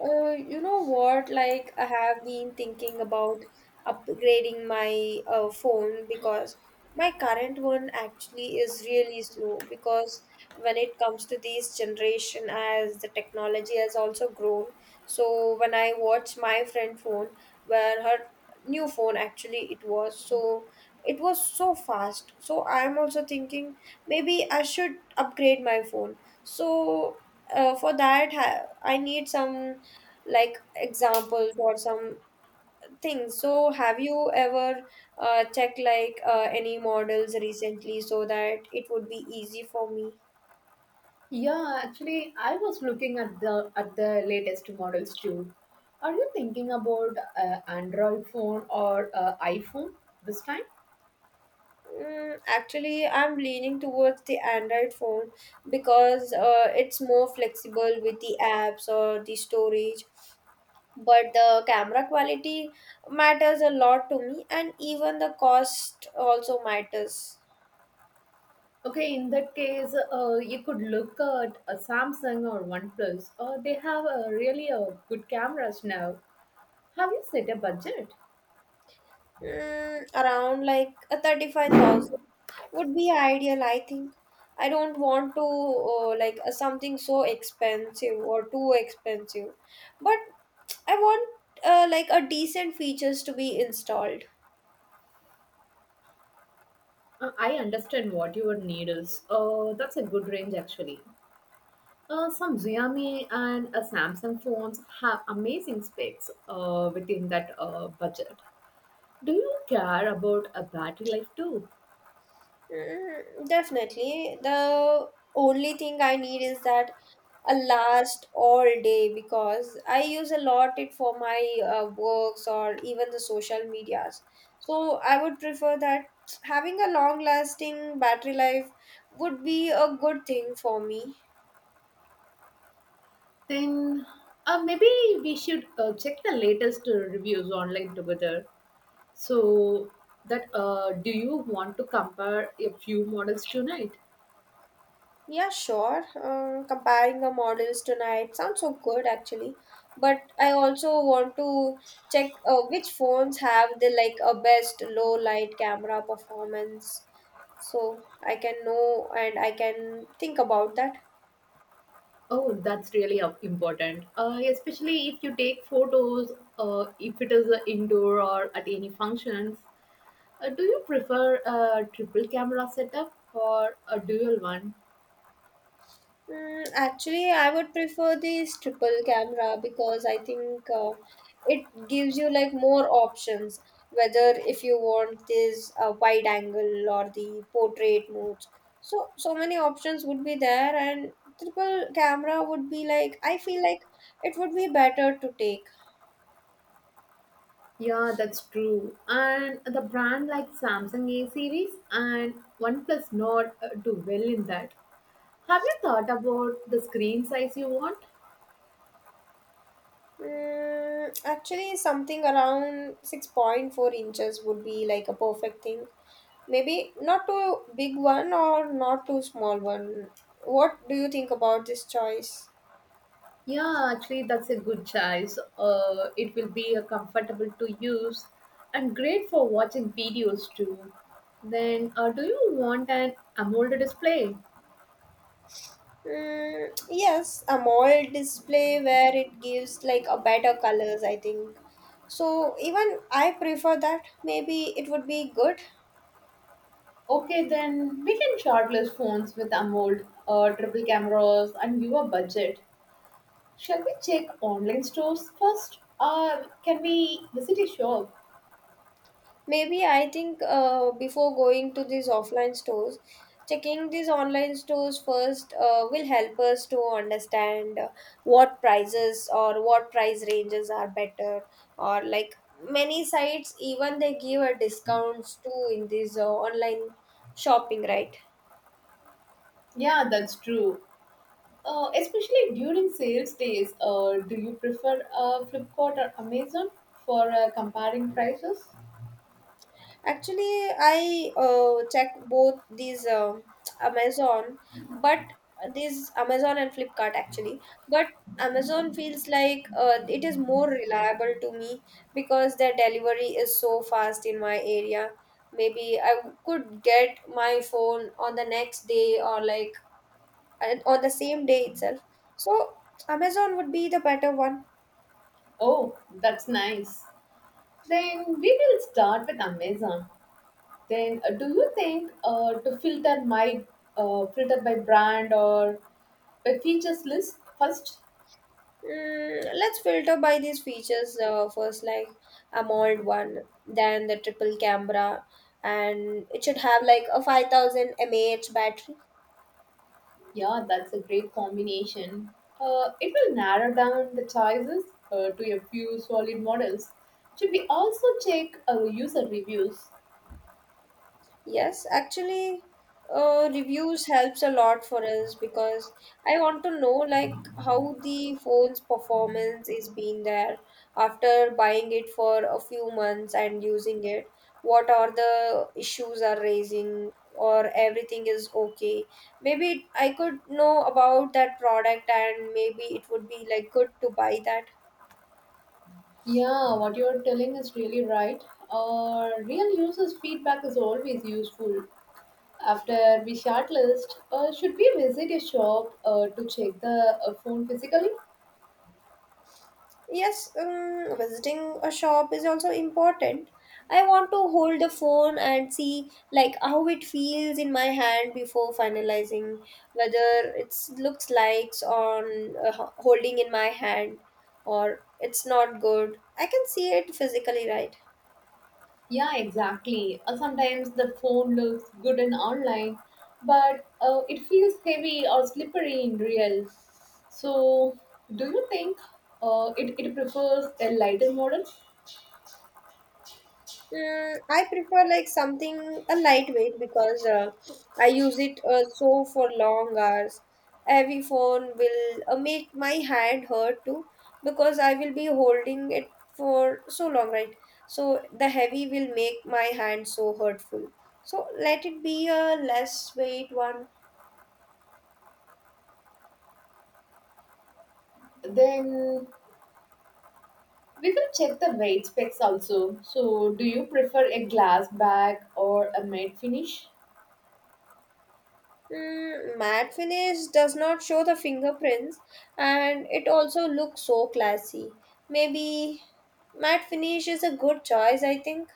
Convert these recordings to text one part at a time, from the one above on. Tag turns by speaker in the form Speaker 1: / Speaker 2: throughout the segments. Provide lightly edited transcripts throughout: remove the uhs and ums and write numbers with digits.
Speaker 1: You know what? Like, I have been thinking about upgrading my phone because my current one actually is really slow. Because when it comes to this generation, as the technology has also grown, so when I watch my friend phone, where her new phone actually it was so fast. So I'm also thinking maybe I should upgrade my phone. So for that, I need some like examples or some things. So, have you ever checked like any models recently so that it would be easy for me?
Speaker 2: Yeah, actually, I was looking at the latest models too. Are you thinking about Android phone or iPhone this time?
Speaker 1: Mm, actually, I'm leaning towards the Android phone because it's more flexible with the apps or the storage. But the camera quality matters a lot to me, and even the cost also matters.
Speaker 2: Okay, in that case, you could look at a Samsung or OnePlus. They have really good cameras now. Have you set a budget?
Speaker 1: Mm, around like a 35,000 would be ideal, I think. I don't want to like something so expensive or too expensive, but I want like a decent features to be installed.
Speaker 2: I understand what your need is. That's a good range actually. Some Xiaomi and Samsung phones have amazing specs within that budget. Do you care about a battery life too?
Speaker 1: Mm, definitely. The only thing I need is that a last all day because I use a lot it for my works or even the social medias. So I would prefer that having a long lasting battery life would be a good thing for me.
Speaker 2: Then maybe we should check the latest reviews online together. So that do you want to compare a few models tonight?
Speaker 1: Yeah, sure. Comparing the models tonight sounds so good actually. But I also want to check which phones have the like a best low light camera performance so I can know and I can think about that.
Speaker 2: Oh, that's really important. Especially if you take photos, if it is indoor or at any functions. Do you prefer a triple camera setup or a dual one?
Speaker 1: Mm, actually, I would prefer this triple camera because I think it gives you like more options. Whether if you want this wide angle or the portrait modes, so so many options would be there, and triple camera would be like I feel like it would be better to take.
Speaker 2: Yeah, that's true. And the brand like Samsung A series and OnePlus Nord do well in that. Have you thought about the screen size you want?
Speaker 1: Mm, actually, something around 6.4 inches would be like a perfect thing. Maybe not too big one or not too small one. What do you think about this choice?
Speaker 2: Yeah, actually, that's a good choice. It will be comfortable to use and great for watching videos too. Then, do you want an AMOLED display?
Speaker 1: Mm, yes, a mall display where it gives like a better colors, I think. So even I prefer that. Maybe it would be good.
Speaker 2: Okay, then we can shortlist phones with AMOLED, triple cameras, and your budget. Shall we check online stores first? Or can we visit a shop?
Speaker 1: Maybe I think before going to these offline stores, checking these online stores first will help us to understand what prices or what price ranges are better, or like many sites even they give a discounts too in this online shopping, right?
Speaker 2: Yeah, that's true. Especially during sales days, do you prefer Flipkart or Amazon for comparing prices?
Speaker 1: Actually, I check both these Amazon, but these Amazon and Flipkart actually. But Amazon feels like it is more reliable to me because their delivery is so fast in my area. Maybe I could get my phone on the next day or like and on the same day itself. So Amazon would be the better one.
Speaker 2: Oh, that's nice. Then we will start with Amazon. Then, do you think to filter my filter by brand or by features list first?
Speaker 1: Mm, let's filter by these features first, like a mold one, then the triple camera, and it should have like a 5,000 mAh battery.
Speaker 2: Yeah, that's a great combination. It will narrow down the choices to a few solid models. Should we also check user reviews?
Speaker 1: Yes, actually, reviews helps a lot for us because I want to know like how the phone's performance is being there after buying it for a few months and using it. What are the issues are raising or everything is okay. Maybe I could know about that product and maybe it would be like good to buy that.
Speaker 2: Yeah, what you're telling is really right. Real users' feedback is always useful. After we shortlist, should we visit a shop to check the phone physically?
Speaker 1: Yes, visiting a shop is also important. I want to hold the phone and see like how it feels in my hand before finalizing whether it looks likes on holding in my hand or it's not good. I can see it physically, right?
Speaker 2: Yeah, exactly. Sometimes the phone looks good and online, but it feels heavy or slippery in real. So, do you think it prefers a lighter model?
Speaker 1: Mm, I prefer like something a lightweight because I use it so for long hours. Heavy phone will make my hand hurt too because I will be holding it for so long, right? So the heavy will make my hand so hurtful. So let it be a less weight one.
Speaker 2: Then we can check the weight specs also. So, do you prefer a glass back or a matte finish?
Speaker 1: Mm, matte finish does not show the fingerprints and it also looks so classy. Maybe matte finish is a good choice, I think.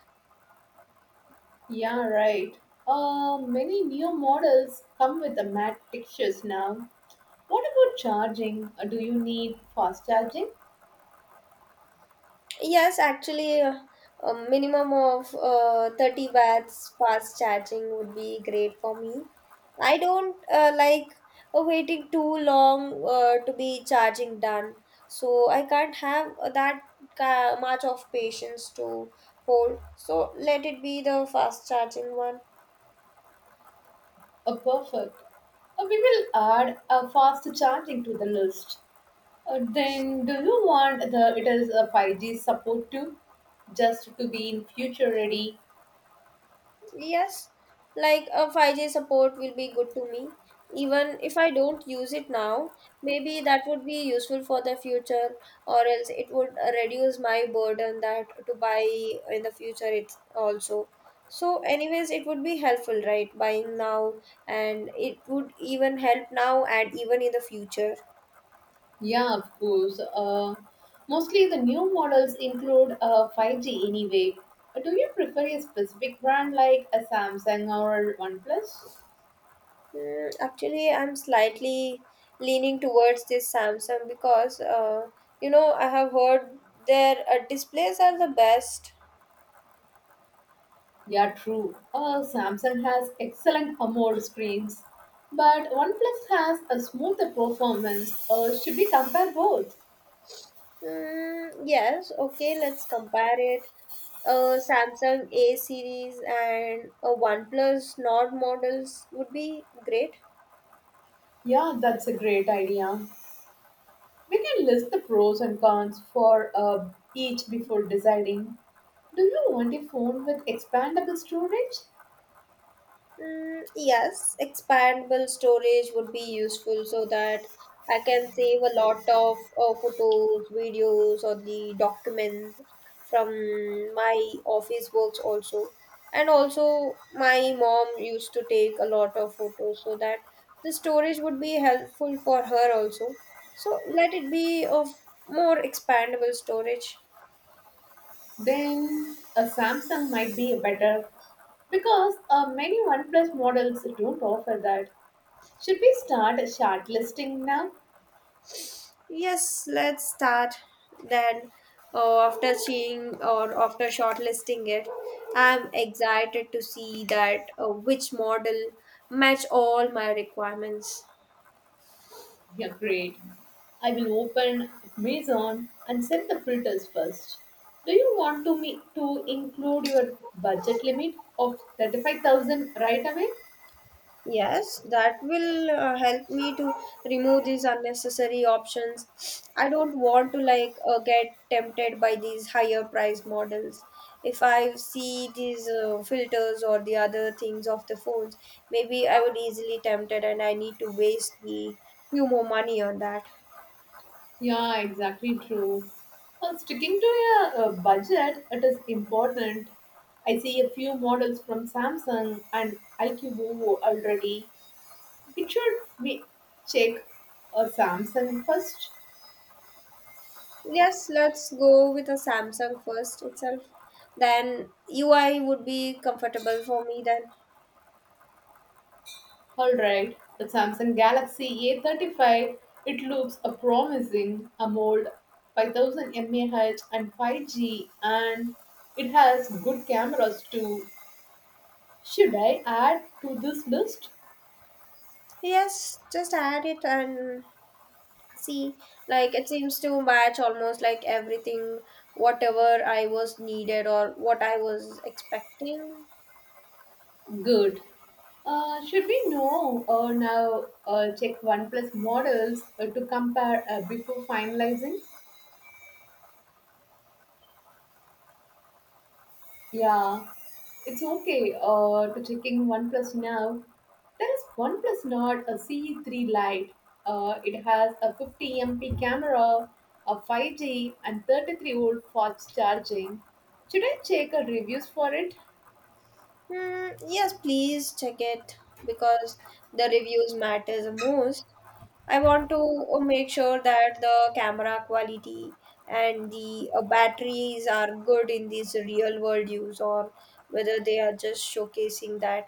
Speaker 2: Yeah, right. Many new models come with the matte textures now. What about charging? Do you need fast charging?
Speaker 1: Yes, actually, a minimum of 30 watts fast charging would be great for me. I don't like waiting too long to be charging done, so I can't have that much of patience to hold. So let it be the fast charging one.
Speaker 2: Perfect. We will add a fast charging to the list. Then, do you want the it is a 5G support too, just to be in future ready?
Speaker 1: Yes, like a 5G support will be good to me. Even if I don't use it now, maybe that would be useful for the future, or else it would reduce my burden that to buy in the future. It's also so, anyways, it would be helpful, right? Buying now, and it would even help now and even in the future.
Speaker 2: Yeah, of course. Mostly the new models include 5G anyway. Do you prefer a specific brand like a Samsung or OnePlus?
Speaker 1: Mm, actually, I'm slightly leaning towards this Samsung because you know I have heard their displays are the best.
Speaker 2: Yeah, true. Samsung has excellent AMOLED screens, but OnePlus has a smoother performance. Should we compare both?
Speaker 1: Mm, yes, okay, let's compare it. A Samsung A series and a OnePlus Nord models would be great.
Speaker 2: Yeah, that's a great idea. We can list the pros and cons for each before deciding. Do you want a phone with expandable storage?
Speaker 1: Mm, yes, expandable storage would be useful so that I can save a lot of photos, videos, or the documents from my office works also. And also, my mom used to take a lot of photos so that the storage would be helpful for her also. So, let it be of more expandable storage.
Speaker 2: Then a Samsung might be better because many OnePlus models don't offer that. Should we start a shortlisting now?
Speaker 1: Yes, let's start then. After seeing or after shortlisting it, I'm excited to see that which model match all my requirements.
Speaker 2: Yeah, great. I will open Amazon and set the filters first. Do you want to me to include your budget limit of 35,000 right away?
Speaker 1: Yes, that will help me to remove these unnecessary options. I don't want to like get tempted by these higher price models. If I see these filters or the other things of the phones, maybe I would easily tempted and I need to waste the few more money on that.
Speaker 2: Yeah, exactly true. Well, sticking to your budget, it is important. I see a few models from Samsung and LQ already. It should be check a Samsung first.
Speaker 1: Yes, let's go with a Samsung first itself. Then UI would be comfortable for me then.
Speaker 2: Alright, the Samsung Galaxy A35, it looks a promising, a mold 5000 mAh and 5G and it has good cameras too. Should I add to this list?
Speaker 1: Yes, just add it and see, like it seems to match almost like everything, whatever I was needed or what I was expecting.
Speaker 2: Good. Should we know or now check OnePlus models to compare before finalizing? Yeah, it's okay to checking OnePlus now. There is OnePlus Nord a C3 Lite. It has a 50 MP camera, a 5G, and 33-volt fast charging. Should I check a reviews for it?
Speaker 1: Hmm, yes, please check it because the reviews matters the most. I want to make sure that the camera quality and the batteries are good in this real world use or whether they are just showcasing that.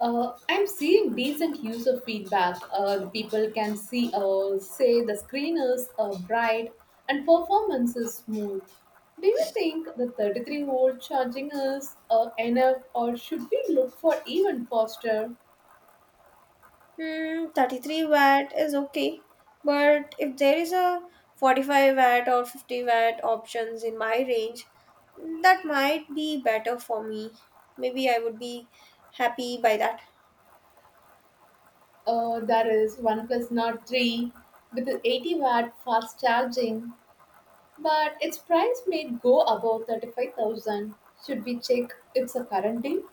Speaker 2: I'm seeing decent user feedback. The people can see, say the screen is bright and performance is smooth. Do you think the 33-volt charging is enough, or should we look for even faster?
Speaker 1: Hmm, 33 watt is okay, but if there is a 45 watt or 50-watt options in my range, that might be better for me. Maybe I would be happy by that.
Speaker 2: That is OnePlus Nord 3 with the 80-watt fast charging, but its price may go above 35,000. Should we check its a current deal?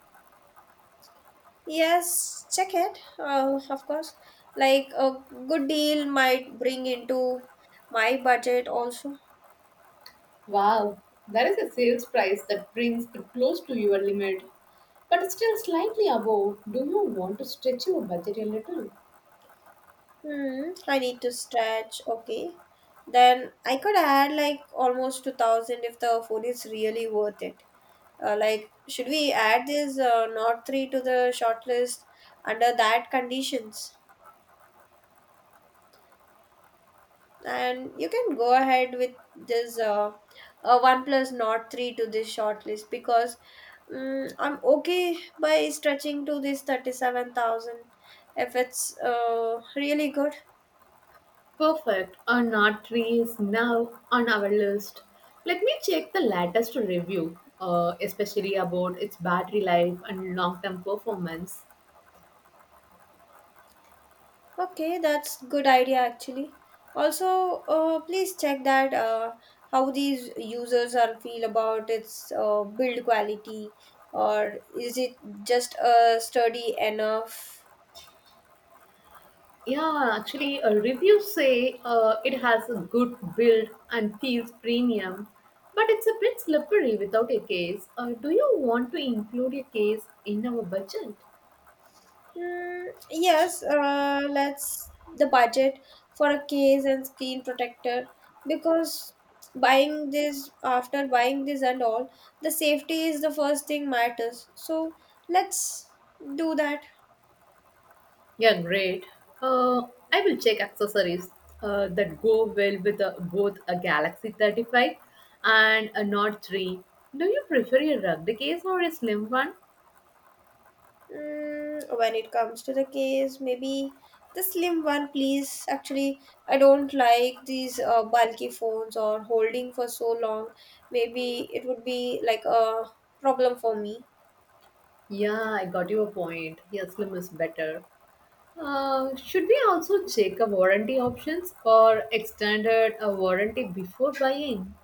Speaker 1: Yes, check it. Of course, like a good deal might bring into my budget also.
Speaker 2: Wow, that is a sales price that brings it close to your limit, but it's still slightly above. Do you want to stretch your budget a little?
Speaker 1: Hmm, I need to stretch. Okay, then I could add like almost 2000 if the food is really worth it. Like, should we add this not three to the shortlist under that conditions? And you can go ahead with this one plus not three to this shortlist because mm, I'm okay by stretching to this 37,000 if it's really good.
Speaker 2: Perfect. Or not trees now on our list. Let me check the latest review, especially about its battery life and long term performance.
Speaker 1: Okay, that's good idea actually. Also, please check that how these users are feel about its build quality, or is it just sturdy enough?
Speaker 2: Yeah, actually, reviews say it has a good build and feels premium, but it's a bit slippery without a case. Do you want to include a case in our budget?
Speaker 1: Mm, yes, let's the budget for a case and screen protector because buying this after buying this and all, the safety is the first thing matters. So let's do that.
Speaker 2: Yeah, great. Uh, I will check accessories that go well with both a Galaxy 35 and a Nord 3. Do you prefer a rugged case or a slim one?
Speaker 1: Mm, when it comes to the case, maybe the slim one, please. Actually, I don't like these bulky phones or holding for so long. Maybe it would be like a problem for me.
Speaker 2: Yeah, I got your point. Yeah, slim is better. Should we also check a warranty options or extended a warranty before buying?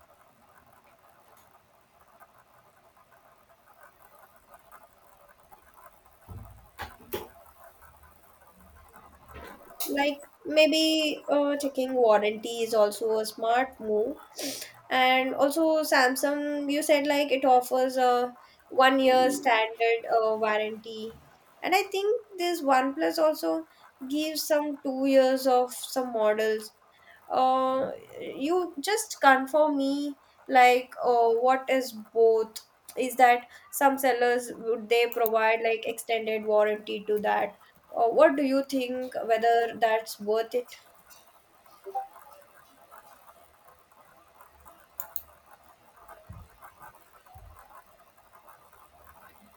Speaker 1: Like maybe checking warranty is also a smart move. And also Samsung, you said like it offers a 1 year standard warranty. And I think this OnePlus also gives some 2 years of some models uh, you just confirm me like what is both is that some sellers would they provide like extended warranty to that, what do you think whether that's worth it.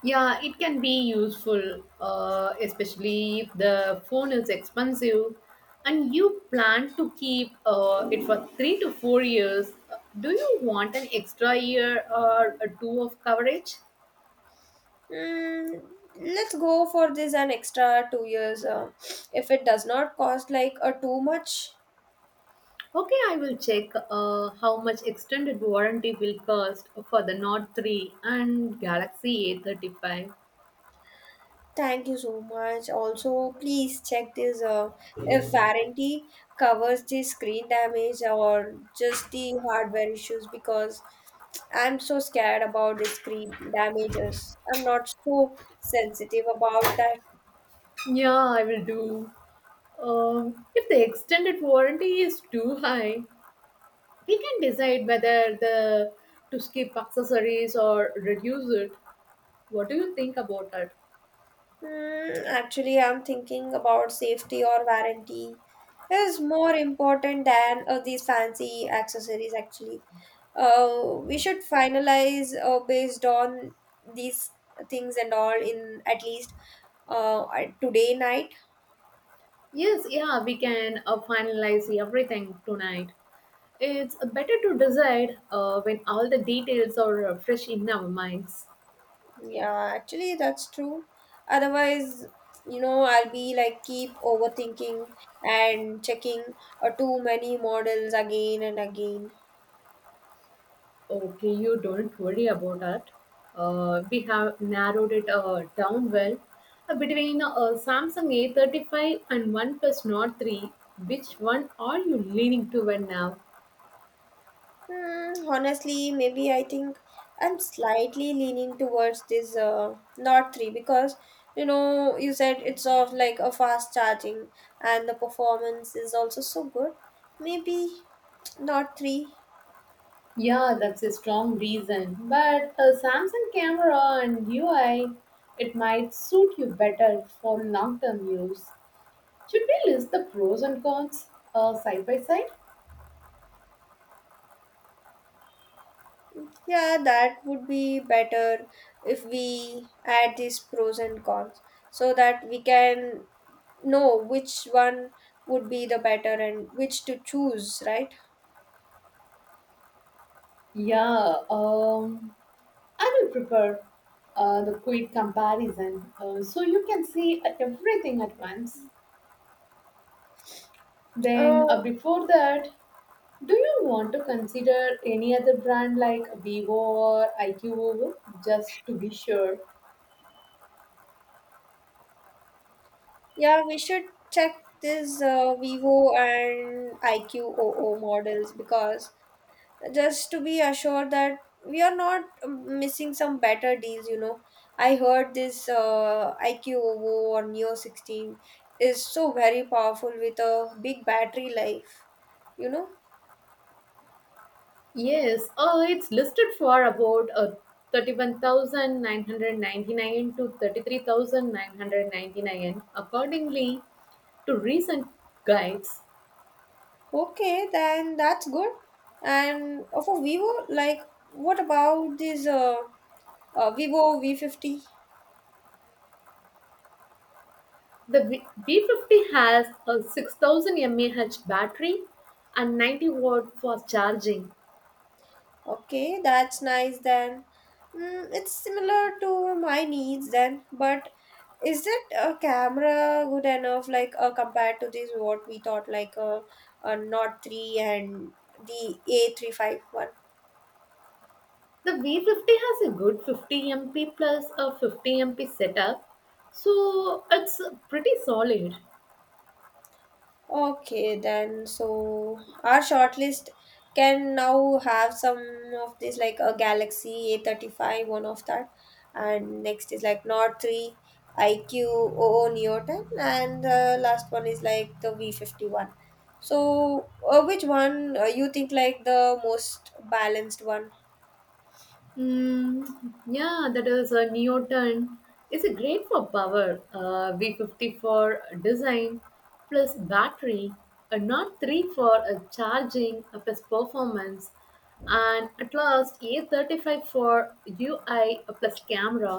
Speaker 2: Yeah, it can be useful, especially if the phone is expensive and you plan to keep it for 3 to 4 years. Do you want an extra year or a two of coverage?
Speaker 1: Mm, let's go for this an extra 2 years if it does not cost like a too much.
Speaker 2: Okay, I will check how much extended warranty will cost for the Note 3 and Galaxy A35.
Speaker 1: Thank you so much. Also, please check this if warranty covers the screen damage or just the hardware issues because I'm so scared about the screen damages. I'm not so sensitive about that.
Speaker 2: Yeah, I will do. If the extended warranty is too high, we can decide whether the to skip accessories or reduce it. What do you think about that?
Speaker 1: Hmm, actually, I'm thinking about safety or warranty is more important than these fancy accessories. Actually, we should finalize based on these things and all in at least uh, today night.
Speaker 2: Yes, yeah, we can finalize everything tonight. It's better to decide when all the details are fresh in our minds.
Speaker 1: Yeah, actually, that's true. Otherwise, I'll be like keep overthinking and checking too many models again and again.
Speaker 2: Okay, you don't worry about that. We have narrowed it down well. Between Samsung A35 and OnePlus Nord 3, which one are you leaning to when now?
Speaker 1: Hmm, honestly, maybe I think I'm slightly leaning towards this Nord 3 because you know you said it's of like a fast charging and the performance is also so good. Maybe Nord 3.
Speaker 2: Yeah, that's a strong reason. But a Samsung camera and UI, it might suit you better for long term use. Should we list the pros and cons side by side?
Speaker 1: Yeah, that would be better if we add these pros and cons so that we can know which one would be the better and which to choose, right?
Speaker 2: Yeah, I will prepare the quick comparison so you can see everything at once.
Speaker 1: Uh,
Speaker 2: Then, before that, do you want to consider any other brand like Vivo or IQO, just to be sure?
Speaker 1: Yeah, we should check this Vivo and IQOO models because just to be assured that we are not missing some better deals, you know. I heard this IQOO or Neo 16 is so very powerful with a big battery life, you know.
Speaker 2: Yes, it's listed for about 31,999 to 33,999 accordingly to recent guides.
Speaker 1: Okay, then that's good. And for Vivo, like, what about this Vivo V50?
Speaker 2: The B50 has a 6000 mAh battery and 90 watt for charging.
Speaker 1: Okay, that's nice then. Mm, it's similar to my needs then, but is it a camera good enough like compared to this what we thought like a Nord 3 and the A351?
Speaker 2: The V50 has a good 50 MP plus a 50 MP setup, so it's pretty solid.
Speaker 1: Okay, then so our shortlist can now have some of these like a Galaxy A35, one of that, and next is like Nord 3, iQOO Neo 10, and the last one is like the V51. So, which one you think like the most balanced one?
Speaker 2: Mm, yeah, that is a Neoton. It's a great for power. V50 for design plus battery, a not 3 for a charging plus performance, and at last A35 for UI plus camera.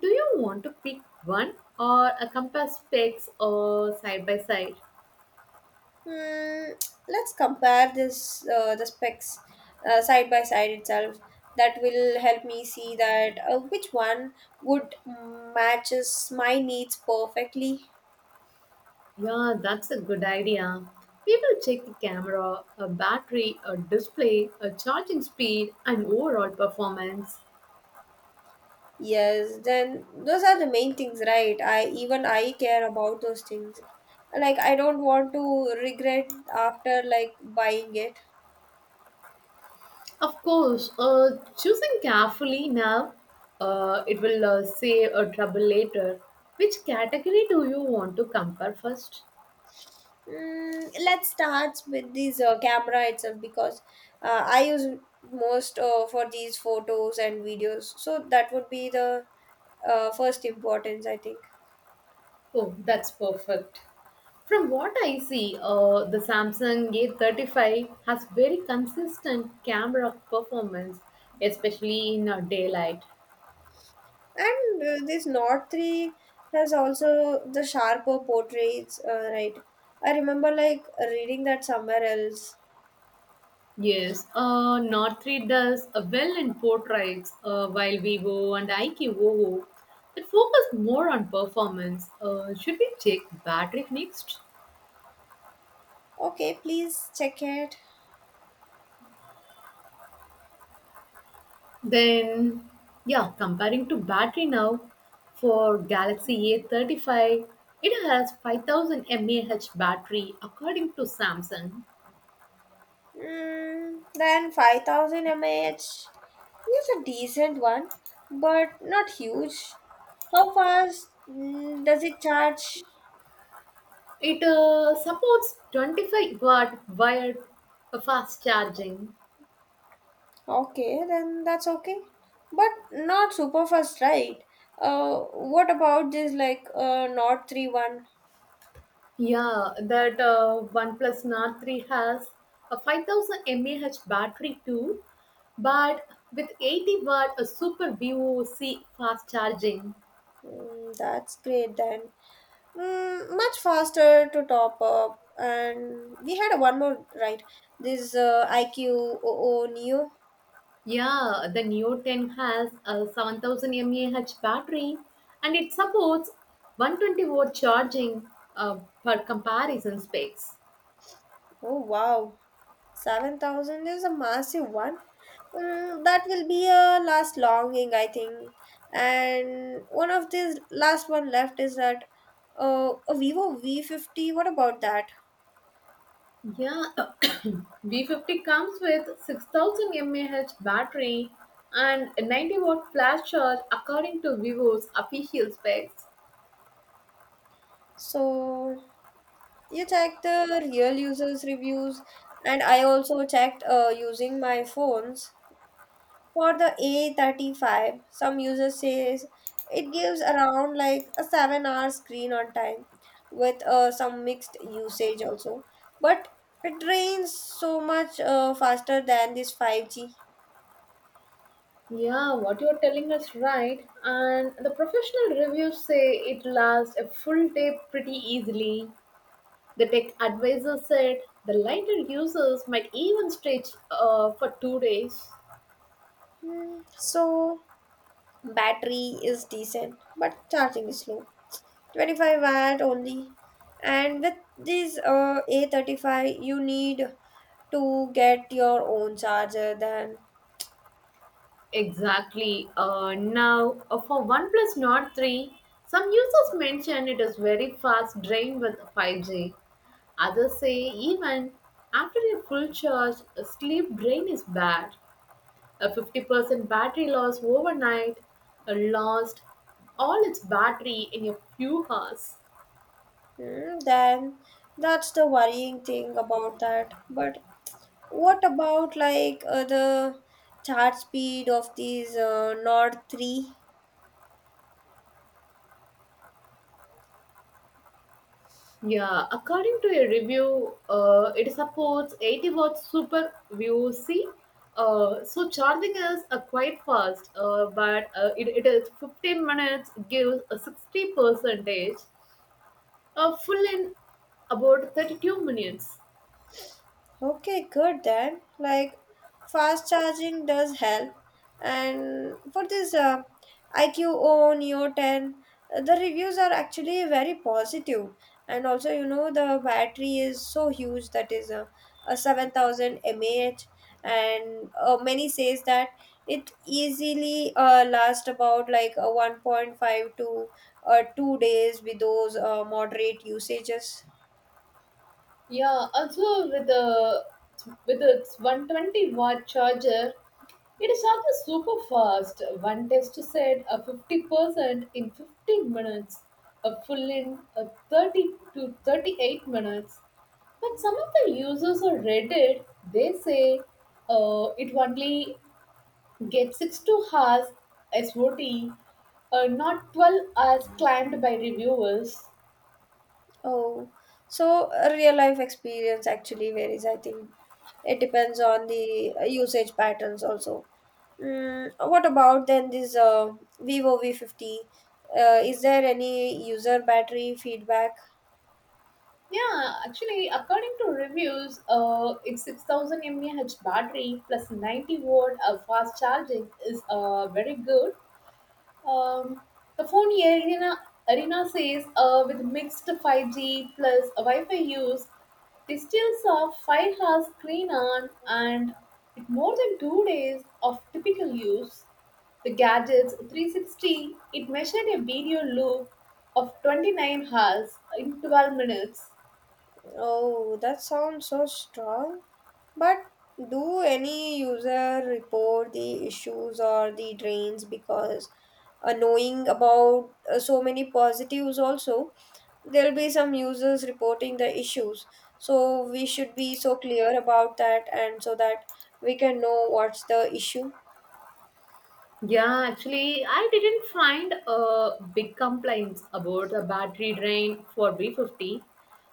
Speaker 2: Do you want to pick one or a compare specs or side by side?
Speaker 1: Hmm, let's compare this the specs side by side itself. That will help me see that which one would matches my needs perfectly.
Speaker 2: Yeah, that's a good idea. We will check the camera, a battery, a display, a charging speed, and overall performance.
Speaker 1: Yes, then those are the main things, right? I even I care about those things. Like I don't want to regret after like buying it.
Speaker 2: Of course, choosing carefully now, it will save a trouble later. Which category do you want to compare first?
Speaker 1: Mm, let's start with this camera itself because I use most for these photos and videos. So that would be the first importance, I think.
Speaker 2: Oh, that's perfect. From what I see, the Samsung A35 has very consistent camera performance, especially in daylight.
Speaker 1: And this Nord 3 has also the sharper portraits, right? I remember like reading that somewhere else.
Speaker 2: Yes, Northridge does well in portraits, while Vivo and Aikiwoo that focus more on performance. Should we check battery next?
Speaker 1: Okay, please check it.
Speaker 2: Then, yeah, comparing to battery now, for Galaxy A35, it has 5000 mAh battery according to Samsung.
Speaker 1: Mm, then 5,000 mAh is a decent one, but not huge. How fast does it charge?
Speaker 2: It supports 25-watt wired fast charging.
Speaker 1: Okay, then that's okay. But not super fast, right? Uh, what about this like Nord three one.
Speaker 2: Yeah, that OnePlus Nord 3 has a 5000 mAh battery too, but with 80 watt a super VOC fast charging.
Speaker 1: Mm, that's great then. Mm, much faster to top up. And we had one more, right? This IQ00 Neo.
Speaker 2: Yeah, the Neo 10 has a 7000 mAh battery and it supports 120 watt charging per comparison specs.
Speaker 1: Oh wow, 7,000 is a massive one. Mm, that will be a last longing, I think. And one of these last one left is that a Vivo V50. What about that?
Speaker 2: Yeah, B50 comes with 6000 mAh battery and a 90-watt flash charge according to Vivo's official specs.
Speaker 1: So you check the real users' reviews, and I also checked using my phones. For the A35, some users says it gives around like a 7-hour screen on time with some mixed usage also. But it drains so much faster than this 5G.
Speaker 2: Yeah, what you're telling us right. And the professional reviews say it lasts a full day pretty easily. The tech advisor said the lighter users might even stretch for 2 days.
Speaker 1: Hmm, so battery is decent, but charging is slow. 25-watt only. And with this A35, you need to get your own charger then.
Speaker 2: Exactly. Now, for OnePlus Nord 3, some users mention it is very fast drained with 5G. Others say even after a full charge, a sleep drain is bad. A 50% battery loss overnight lost all its battery in a few hours.
Speaker 1: Mm, then that's the worrying thing about that. But what about like the chart speed of these Nord 3?
Speaker 2: Yeah, according to a review, it supports 80 watts super VOC. So charging is quite fast, but it is 15 minutes, gives a 60 percentage, full in about 32 minutes.
Speaker 1: Okay, good then. Like fast charging does help. And for this IQO Neo 10, the reviews are actually very positive. And also, the battery is so huge that is a 7,000 mAh. And many says that it easily lasts about like a 1.5 to 2 days with those moderate usages.
Speaker 2: Yeah, also with the with its 120 watt charger, it is also super fast. One test said a 50% in 15 minutes, a full in a 30 to 38 minutes. But some of the users on Reddit, they say it only gets 6 to hours SOT, not 12 hours claimed by reviewers.
Speaker 1: Oh, so real life experience actually varies, I think. It depends on the usage patterns also. Mm, what about then this Vivo V50? Is there any user battery feedback?
Speaker 2: Yeah, actually, according to reviews, its 6000 mAh battery plus 90 watt fast charging is very good. Um, the phone arena, arena says with mixed 5G plus Wi-Fi use, they still saw 5 hours screen on and with more than 2 days of typical use. The gadget's 360, it measured a video loop of 29 hours in 12 minutes.
Speaker 1: Oh, that sounds so strong. But do any user report the issues or the drains because knowing about so many positives also there'll be some users reporting the issues, so we should be so clear about that and so that we can know what's the issue.
Speaker 2: Yeah, actually, I didn't find big complaints about the battery drain for B50.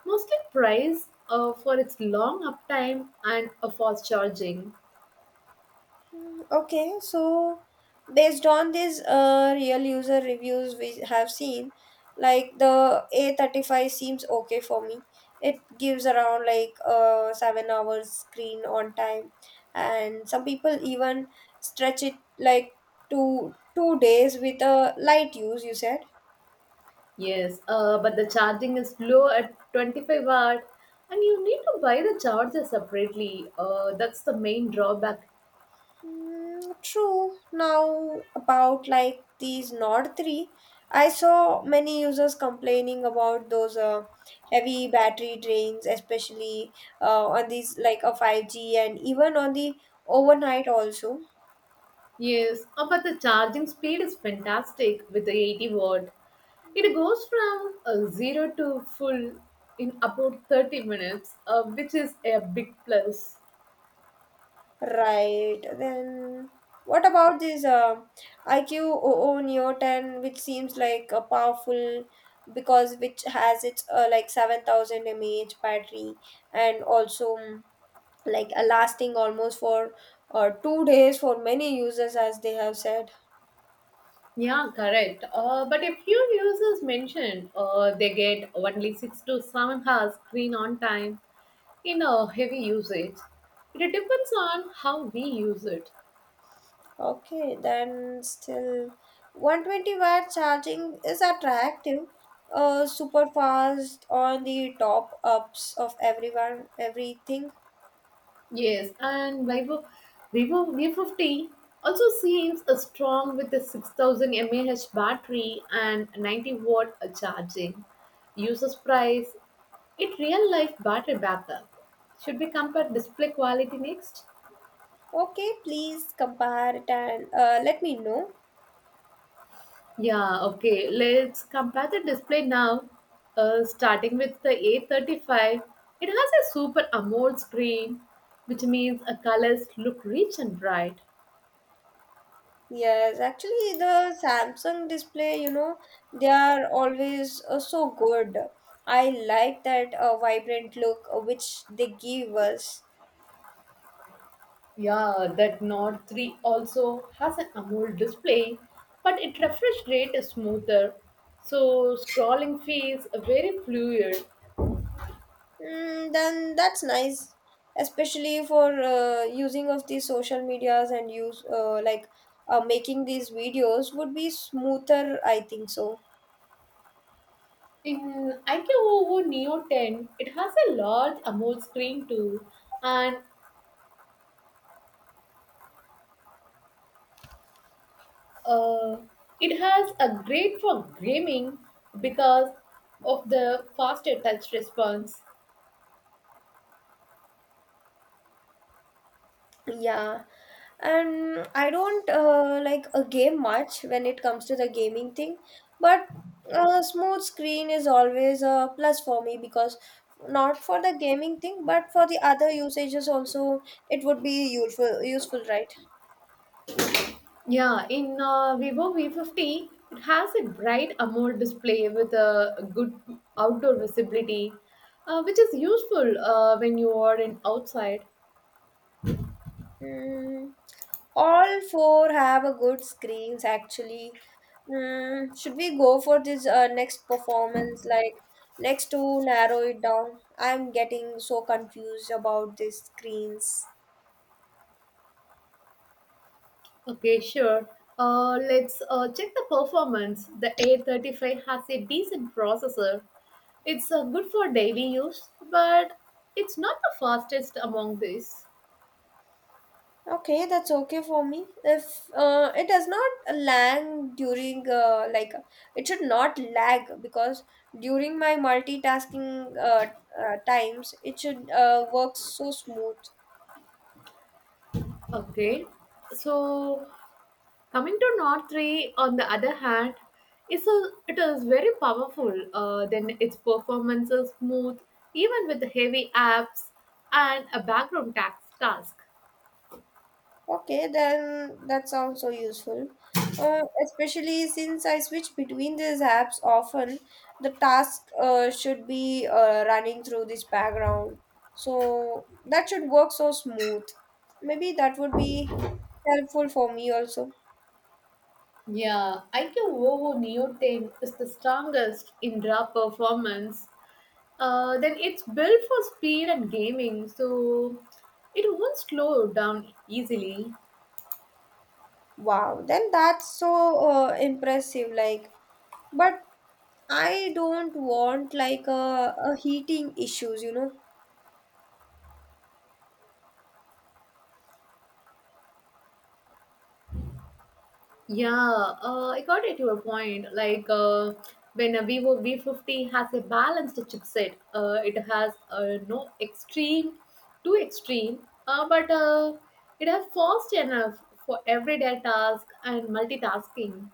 Speaker 2: Mostly praise for its long uptime and a fast charging.
Speaker 1: Hmm, okay, so based on these real user reviews we have seen like the A35 seems okay for me. It gives around like 7 hours screen on time, and some people even stretch it like two days with a light use, you said.
Speaker 2: Yes, but the charging is low at 25 watt, and you need to buy the charger separately. That's the main drawback.
Speaker 1: Mm, true. Now, about like these Nord 3, I saw many users complaining about those heavy battery drains, especially on these like a 5G and even on the overnight also.
Speaker 2: Yes, oh, but the charging speed is fantastic with the 80 watt. It goes from zero to full in about 30 minutes, which is a big plus.
Speaker 1: Right. Then, what about this iQOO Neo 10, which seems like a powerful because which has its like 7,000 mAh battery and also like lasting almost for 2 days for many users as they have said.
Speaker 2: Yeah, correct. But a few users mentioned they get only 6 to 7 hours screen on time in a heavy usage. It depends on how we use it.
Speaker 1: Okay, then still 120 watt charging is attractive, super fast on the top ups of everyone everything.
Speaker 2: Yes, and Vivo V50 also seems strong with a 6000 mAh battery and 90 watt charging. User's price, it real life battery backup. Should we compare display quality next?
Speaker 1: Okay, please compare it and let me know.
Speaker 2: Yeah, okay. Let's compare the display now. Starting with the A35, it has a super AMOLED screen, which means colors look rich and bright.
Speaker 1: Yes, actually the samsung display, they are always so good. I like that vibrant look which they give us.
Speaker 2: Yeah, that Nord 3 also has an AMOLED display, but its refresh rate is smoother, so scrolling feels very fluid.
Speaker 1: Mm, then that's nice, especially for using of these social medias and use like making these videos would be smoother. I think so.
Speaker 2: In IQOO Neo 10, it has a large AMOLED screen too, and uh, it has a great for gaming because of the faster touch response.
Speaker 1: Yeah, and I don't like a game much when it comes to the gaming thing, but a smooth screen is always a plus for me because not for the gaming thing, but for the other usages also it would be useful. Useful, right?
Speaker 2: Yeah, in Vivo V50, it has a bright AMOLED display with a good outdoor visibility, which is useful when you are in outside.
Speaker 1: Mm, all four have a good screens actually. Mm, should we go for this next performance? Like next to narrow it down. I'm getting so confused about these screens.
Speaker 2: Okay, sure. Let's check the performance. The A35 has a decent processor. It's good for daily use, but it's not the fastest among these.
Speaker 1: Okay, that's okay for me. If it does not lag during like it should not lag because during my multitasking times it should work so smooth.
Speaker 2: Okay, so coming to Nord 3, on the other hand, it is very powerful. Then its performance is smooth, even with heavy apps and a background tax task.
Speaker 1: Okay, then that sounds so useful. Uh, Especially since I switch between these apps often, the task should be running through this background. So that should work so smooth. Maybe that would be helpful for me also.
Speaker 2: Yeah, IQOO Neo 10 is the strongest in raw performance. Then it's built for speed and gaming, so it won't slow down easily.
Speaker 1: Wow, then that's so impressive. Like, but I don't want like a heating issues.
Speaker 2: Yeah, I got at your point. Like when a Vivo V50 has a balanced chipset, it has no extreme, too extreme, but it has fast enough for everyday task and multitasking.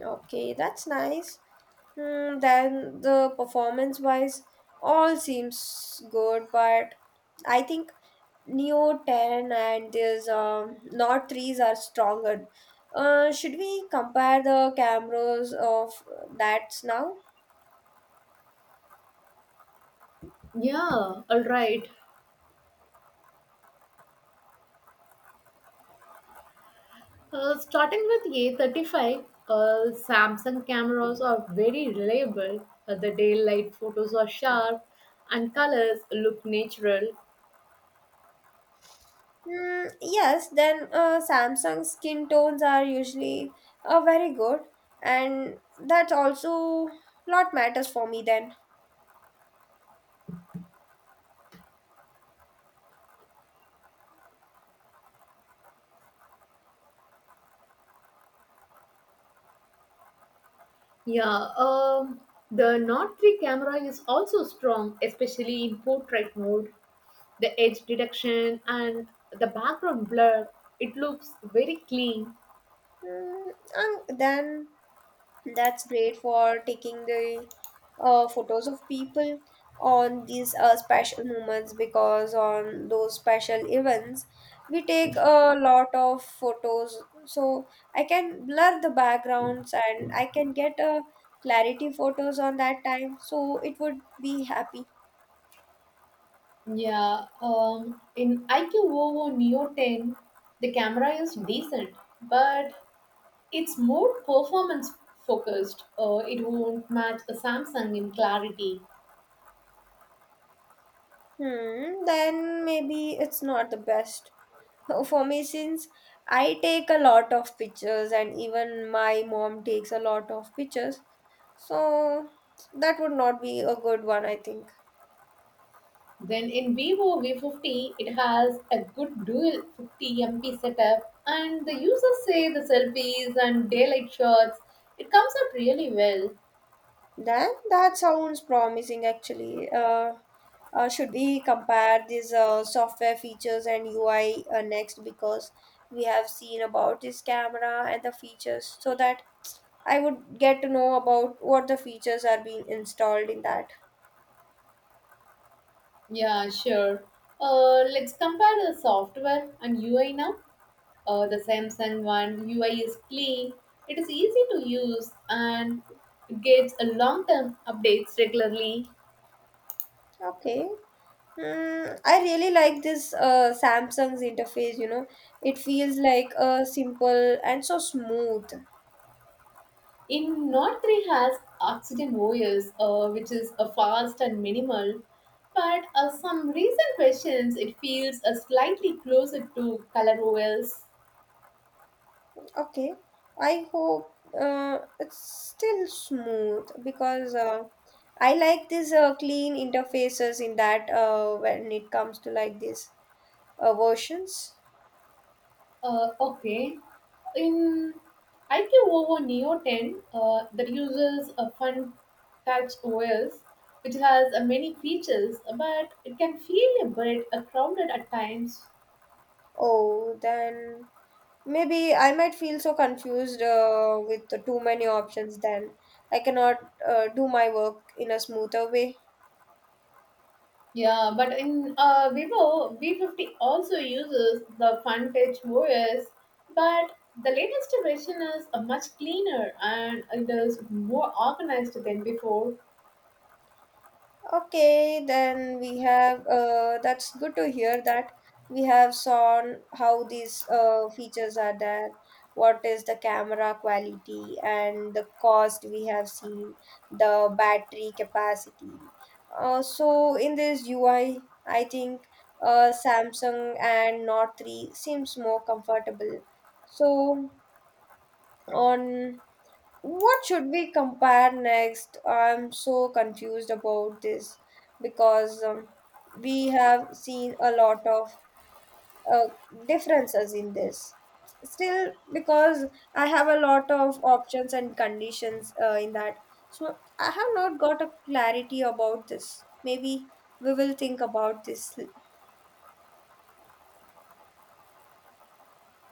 Speaker 1: Okay, that's nice. Hmm, then the performance wise, all seems good, but I think Neo 10 and this Nord 3s are stronger. Should we compare the cameras of that now?
Speaker 2: Yeah, all right. Starting with A35, Samsung cameras are very reliable. The daylight photos are sharp and colors look natural.
Speaker 1: Hmm, yes, then Samsung skin tones are usually very good, and that also lot matters for me then.
Speaker 2: Yeah, the Nord 3 camera is also strong, especially in portrait mode. The edge detection and the background blur, it looks very clean.
Speaker 1: Hmm, and then that's great for taking the photos of people on these special moments because on those special events we take a lot of photos, so I can blur the backgrounds and I can get a clarity photos on that time, so it would be happy.
Speaker 2: Yeah, in IQOO Neo 10, the camera is decent, but it's more performance focused. It won't match a Samsung in clarity.
Speaker 1: Hmm, then maybe it's not the best for me since I take a lot of pictures and even my mom takes a lot of pictures, so that would not be a good one, I think.
Speaker 2: Then in Vivo V50, it has a good dual 50 MP setup, and the users say the selfies and daylight shots, it comes out really well.
Speaker 1: Then that sounds promising actually. Should we compare these software features and UI next because we have seen about this camera and the features so that I would get to know about what the features are being installed in that.
Speaker 2: Yeah, sure. Let's compare the software and UI now. The Samsung one UI is clean, it is easy to use, and it gets a long-term updates regularly.
Speaker 1: Okay. Hmm. I really like this Samsung's interface. It feels like a simple and so smooth.
Speaker 2: In Note 3 has oxygen OS, which is a fast and minimal, but some recent questions it feels slightly closer to color OS.
Speaker 1: Okay, I hope it's still smooth because I like these clean interfaces in that when it comes to like these versions.
Speaker 2: Okay. In IQ over Neo 10, that uses a fun touch OS, which has many features, but it can feel a bit crowded at times.
Speaker 1: Oh, then maybe I might feel so confused with the too many options then I cannot do my work in a smoother way.
Speaker 2: Yeah, but in Vivo, V50 also uses the FunTouch OS, but the latest version is much cleaner and it is more organized than before.
Speaker 1: Okay, then we have that's good to hear that we have seen how these features are there, what is the camera quality and the cost we have seen, the battery capacity. So in this UI, I think Samsung and Note 3 seems more comfortable. So on what should we compare next? I'm so confused about this because we have seen a lot of uh, differences in this. Still, because I have a lot of options and conditions in that. So I have not got a clarity about this. Maybe we will think about this